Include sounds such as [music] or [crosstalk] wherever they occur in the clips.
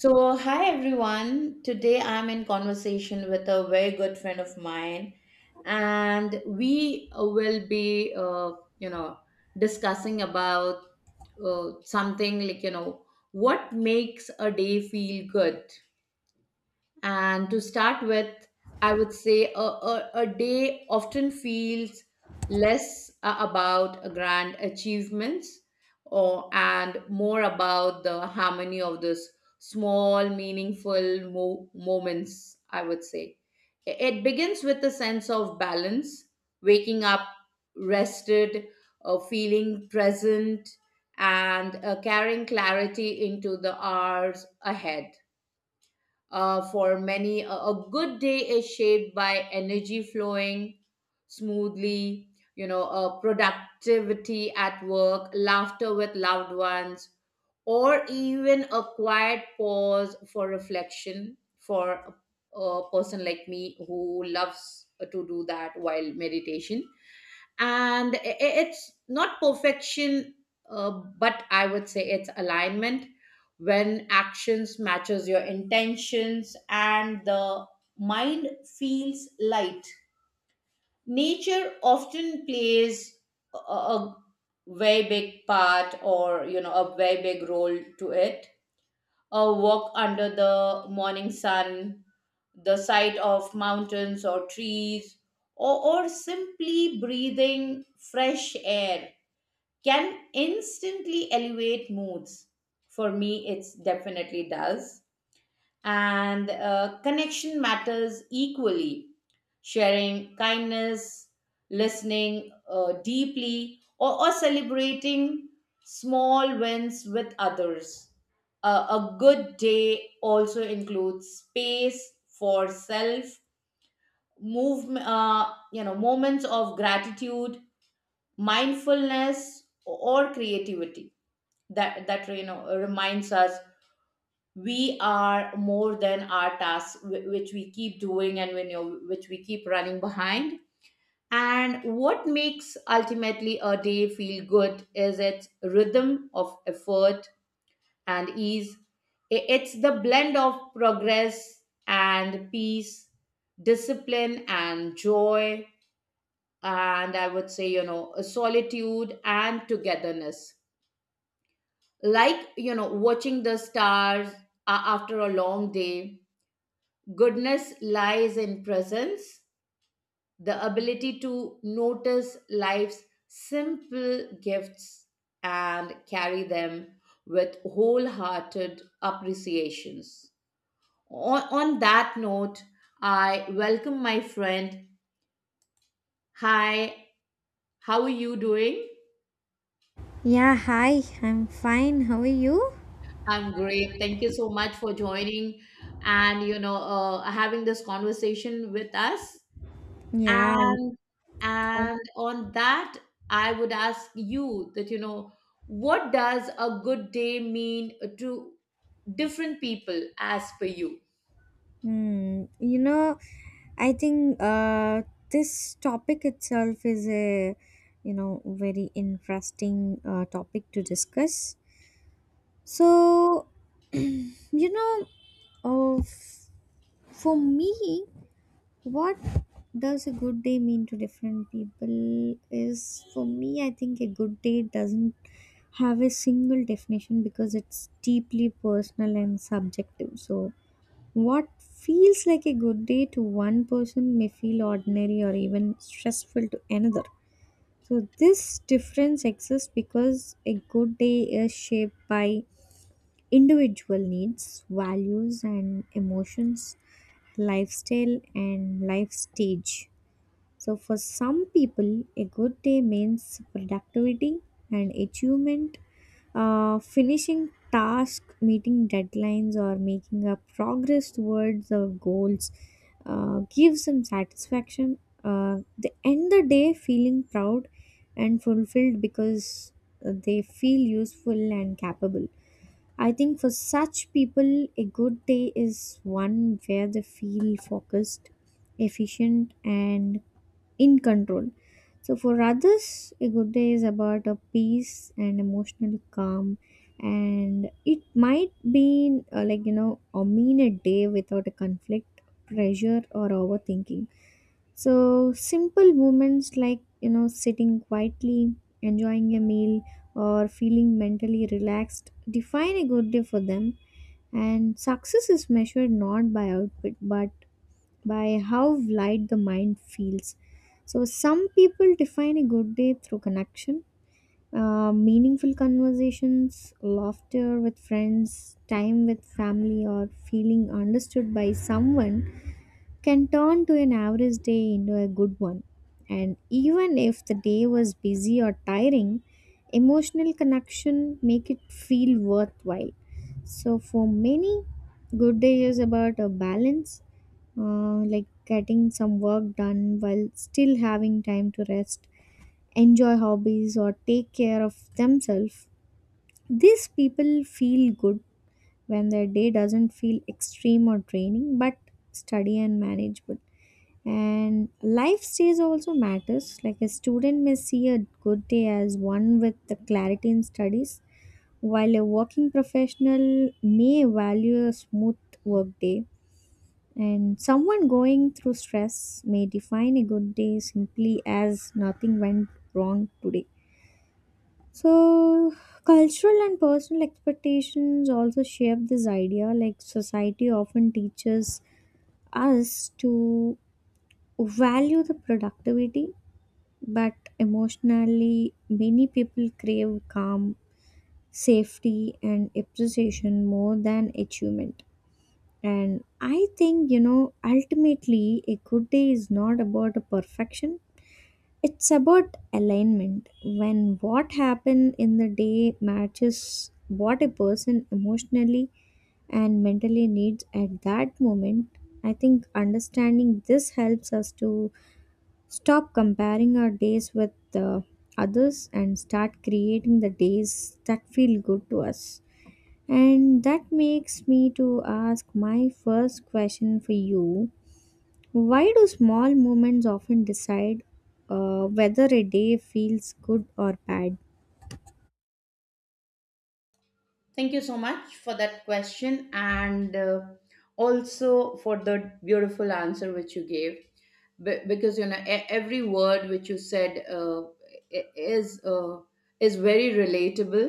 So, hi everyone. Today I'm in conversation with a very good friend of mine, and we will be, you know, discussing about something what makes a day feel good. And to start with, I would say a day often feels less about a grand achievements or and more about the harmony of this small meaningful moments, I would say. It begins with a sense of balance, waking up rested, feeling present, and carrying clarity into the hours ahead. For many, a good day is shaped by energy flowing smoothly, productivity at work, laughter with loved ones, or even a quiet pause for reflection. For a person like me who loves to do that while meditation. And it's not perfection, uh, but I would say it's alignment, when actions matches your intentions and the mind feels light. Nature often plays a very big part, or you know, a very big role to it. A walk under the morning sun, the sight of mountains or trees, or simply breathing fresh air can instantly elevate moods. For me it's definitely does. And connection matters equally, sharing kindness, listening deeply, or celebrating small wins with others. A good day also includes space for self move, moments of gratitude, mindfulness, or creativity that reminds us we are more than our tasks, which we keep doing and when you which we keep running behind. And what makes ultimately a day feel good is its rhythm of effort and ease. It's the blend of progress and peace, discipline and joy, and I would say, you know, solitude and togetherness, like you know, watching the stars after a long day. Goodness lies in presence, the ability to notice life's simple gifts and carry them with wholehearted appreciations. On that note, I welcome my friend. Hi, how are you doing? Yeah, hi, I'm fine. How are you? I'm great. Thank you so much for joining and having this conversation with us. Yeah, and and I- on that, I would ask you that, you know, what does a good day mean to different people as per you? hmm, you know, I think this topic itself is very interesting topic to discuss. So, [clears throat] you know, uh, f- for me, what does a good day mean to different people is for me I think a good day doesn't have a single definition because it's deeply personal and subjective. So what feels like a good day to one person may feel ordinary or even stressful to another. So this difference exists because a good day is shaped by individual needs, values, and emotions, lifestyle, and life stage. So for some people, a good day means productivity and achievement. Finishing tasks, meeting deadlines, or making a progress towards the goals gives them satisfaction. They end the day feeling proud and fulfilled because they feel useful and capable. I think for such people, a good day is one where they feel focused, efficient, and in control. So for others, a good day is about a peace and emotional calm, and it might be like you know, a mean a day without a conflict, pressure, or overthinking. So simple moments like sitting quietly, enjoying a meal, or feeling mentally relaxed define a good day for them. And success is measured not by output but by how light the mind feels. So some people define a good day through connection. Meaningful conversations, laughter with friends, time with family, or feeling understood by someone can turn to an average day into a good one. And even if the day was busy or tiring, emotional connection make it feel worthwhile. So for many, good day is about a balance, like getting some work done while still having time to rest, enjoy hobbies, or take care of themselves. These people feel good when their day doesn't feel extreme or draining, but study and manageable. And life stage also matters. Like a student may see a good day as one with the clarity in studies, while a working professional may value a smooth work day, and someone going through stress may define a good day simply as nothing went wrong today. So cultural and personal expectations also shape this idea. Like, society often teaches us to value the productivity, but emotionally, many people crave calm, safety, and appreciation more than achievement. And I think, ultimately, a good day is not about a perfection. It's about alignment. When what happened in the day matches what a person emotionally and mentally needs at that moment, I think understanding this helps us to stop comparing our days with others and start creating the days that feel good to us. And that makes me to ask my first question for you. Why do small moments often decide whether a day feels good or bad? Thank you so much for that question, and also for the beautiful answer which you gave. Because you know, every word which you said, i- is uh, is very relatable,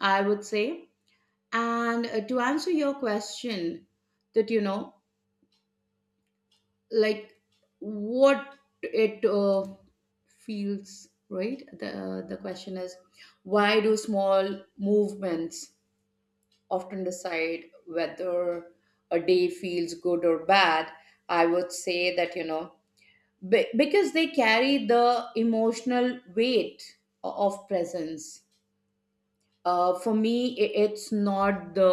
I would say. And to answer your question, that you know, like, what it feels right, the question is, why do small movements often decide whether a day feels good or bad? I would say that, you know, because they carry the emotional weight of presence. For me, it's not the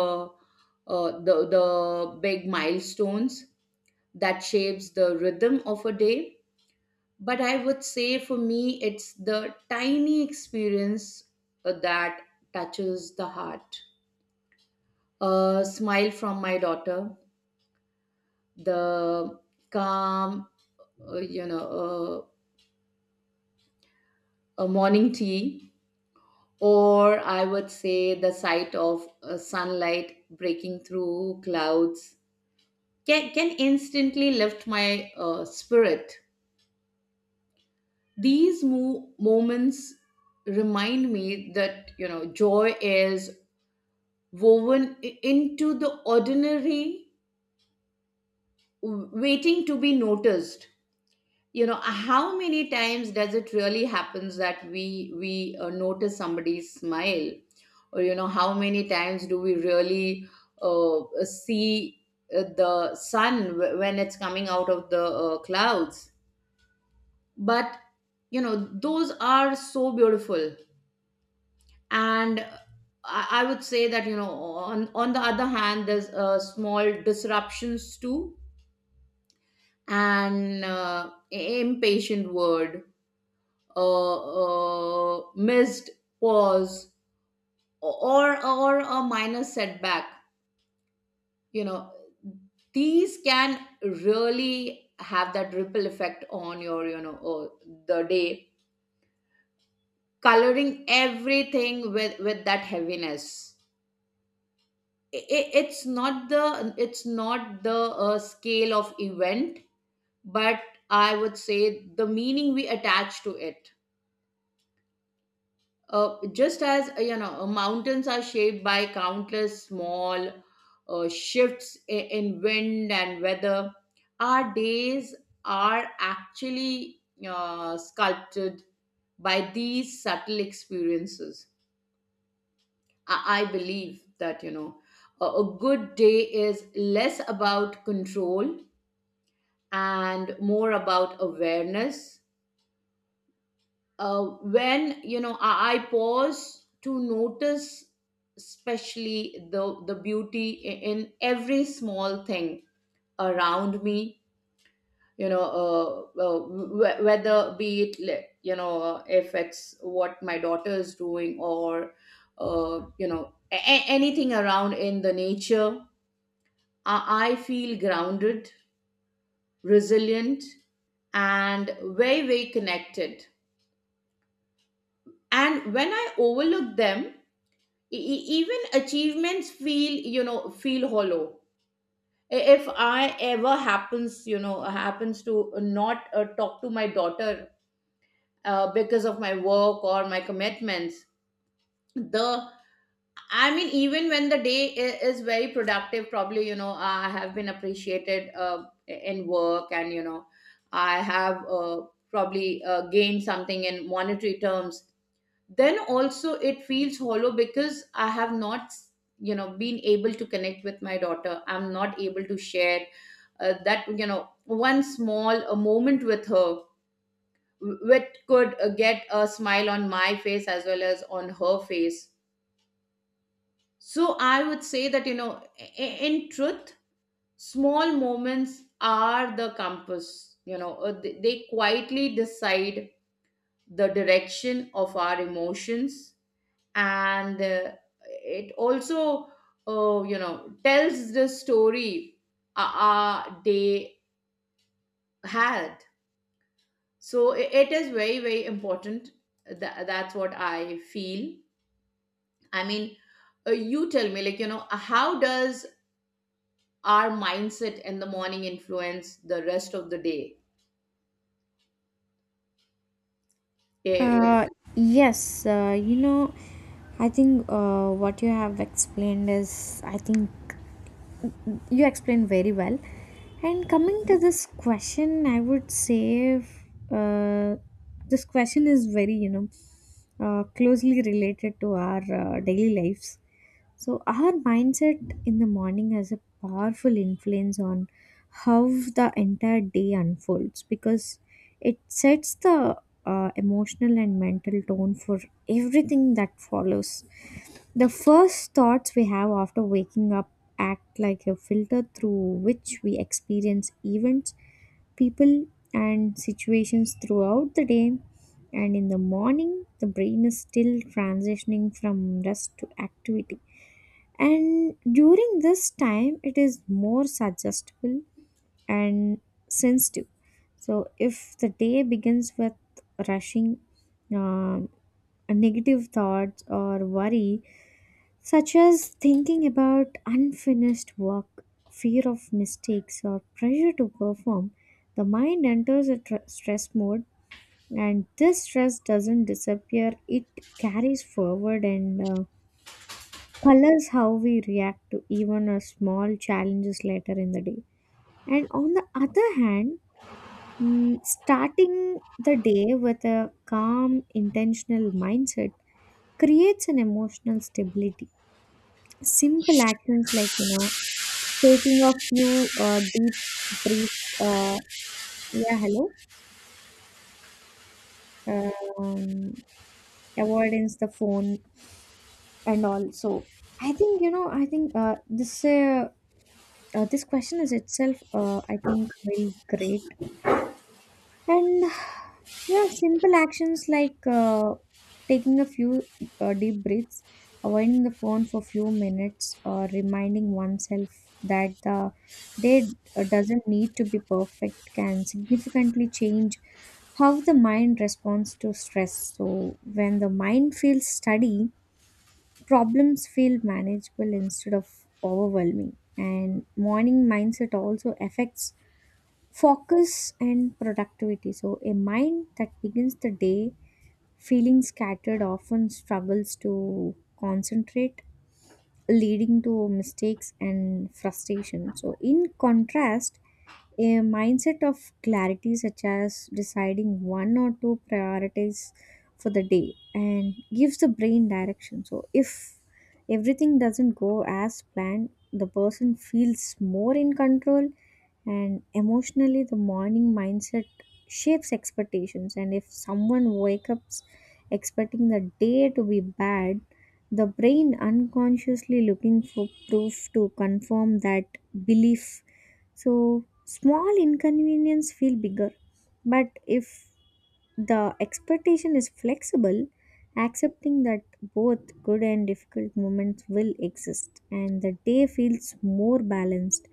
the big milestones that shapes the rhythm of a day, but I would say for me it's the tiny experience that touches the heart. A smile from my daughter, the calm, uh, you know uh, a morning tea, or I would say the sight of sunlight breaking through clouds, can instantly lift my spirit. These moments remind me that, you know, joy is woven into the ordinary, waiting to be noticed. You know, how many times does it really happens that we notice somebody's smile, or you know, how many times do we really see the sun when it's coming out of the clouds? But you know, those are so beautiful. And I would say that, you know, on the other hand, there's small disruptions too. An impatient word, a missed pause, or a minor setback. You know, these can really have that ripple effect on your, the day, coloring everything with that heaviness. It's not the, it's not the scale of event, but I would say the meaning we attach to it. Just as, mountains are shaped by countless small shifts in wind and weather, our days are actually sculpted by these subtle experiences. I believe that, you know, a good day is less about control and more about awareness. When you know, I pause to notice, especially the beauty in every small thing around me. You know, whether be it you know, if it's what my daughter is doing or, you know, anything around in the nature, I feel grounded, resilient, and very very connected. And when I overlook them, even achievements feel, feel hollow. If I ever happens, happens to not talk to my daughter because of my work or my commitments, the, I mean, even when the day is very productive, probably, you know, I have been appreciated in work, and you know, I have, probably gained something in monetary terms, then also it feels hollow because I have not, you know, been able to connect with my daughter. I'm not able to share that, you know, one small a moment with her, which could get a smile on my face as well as on her face. So I would say that, you know, in truth, small moments are the compass. You know, they quietly decide the direction of our emotions, and it also, tells the story uh, they had. So it is very very important. That's what I feel. I mean, you tell me, like, you know, how does our mindset in the morning influence the rest of the day? Eh, eh, Uh, yes, I think what you have explained is, I think you explained very well. And coming to this question, I would say uh, this question is very, closely related to our daily lives. So our mindset in the morning has a powerful influence on how the entire day unfolds because it sets the emotional and mental tone for everything that follows. The first thoughts we have after waking up act like a filter through which we experience events, people, and situations throughout the day. And in the morning, the brain is still transitioning from rest to activity. And during this time, it is more suggestible and sensitive. So if the day begins with rushing, um, negative thoughts, or worry, such as thinking about unfinished work, fear of mistakes, or pressure to perform, the mind enters a stress mode, and this stress doesn't disappear, it carries forward and colors how we react to even a small challenges later in the day. And on the other hand, starting the day with a calm, intentional mindset creates an emotional stability. Simple actions like taking a few deep breaths. Yeah, hello. Um, Avoidance the phone and all. So I think I think this question is itself. I think very great. And yeah, simple actions like taking a few deep breaths, avoiding the phone for few minutes, or reminding oneself that the day doesn't need to be perfect can significantly change how the mind responds to stress. So when the mind feels steady, problems feel manageable instead of overwhelming. And morning mindset also affects focus and productivity. So a mind that begins the day feeling scattered often struggles to concentrate, leading to mistakes and frustration. So in contrast, a mindset of clarity, such as deciding one or two priorities for the day and gives the brain direction, so if everything doesn't go as planned, the person feels more in control. And emotionally, the morning mindset shapes expectations, and if someone wakes up expecting the day to be bad, the brain unconsciously looking for proof to confirm that belief. So small inconvenience feel bigger. But if the expectation is flexible, accepting that both good and difficult moments will exist, and the day feels more balanced.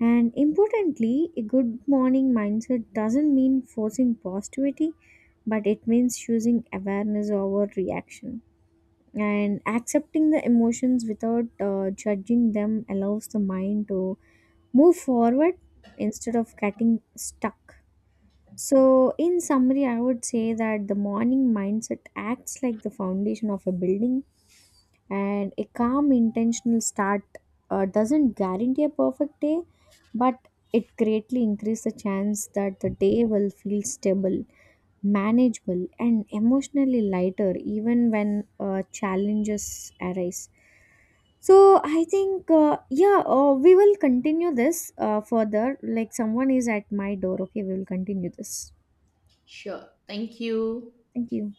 And importantly, a good morning mindset doesn't mean forcing positivity, but it means choosing awareness over reaction. And accepting the emotions without judging them allows the mind to move forward instead of getting stuck. So in summary, I would say that the morning mindset acts like the foundation of a building, and a calm intentional start doesn't guarantee a perfect day, but it greatly increases the chance that the day will feel stable, manageable, and emotionally lighter even when challenges arise. So I think we will continue this further, like someone is at my door. Okay, we will continue this. sure, thank you. Thank you.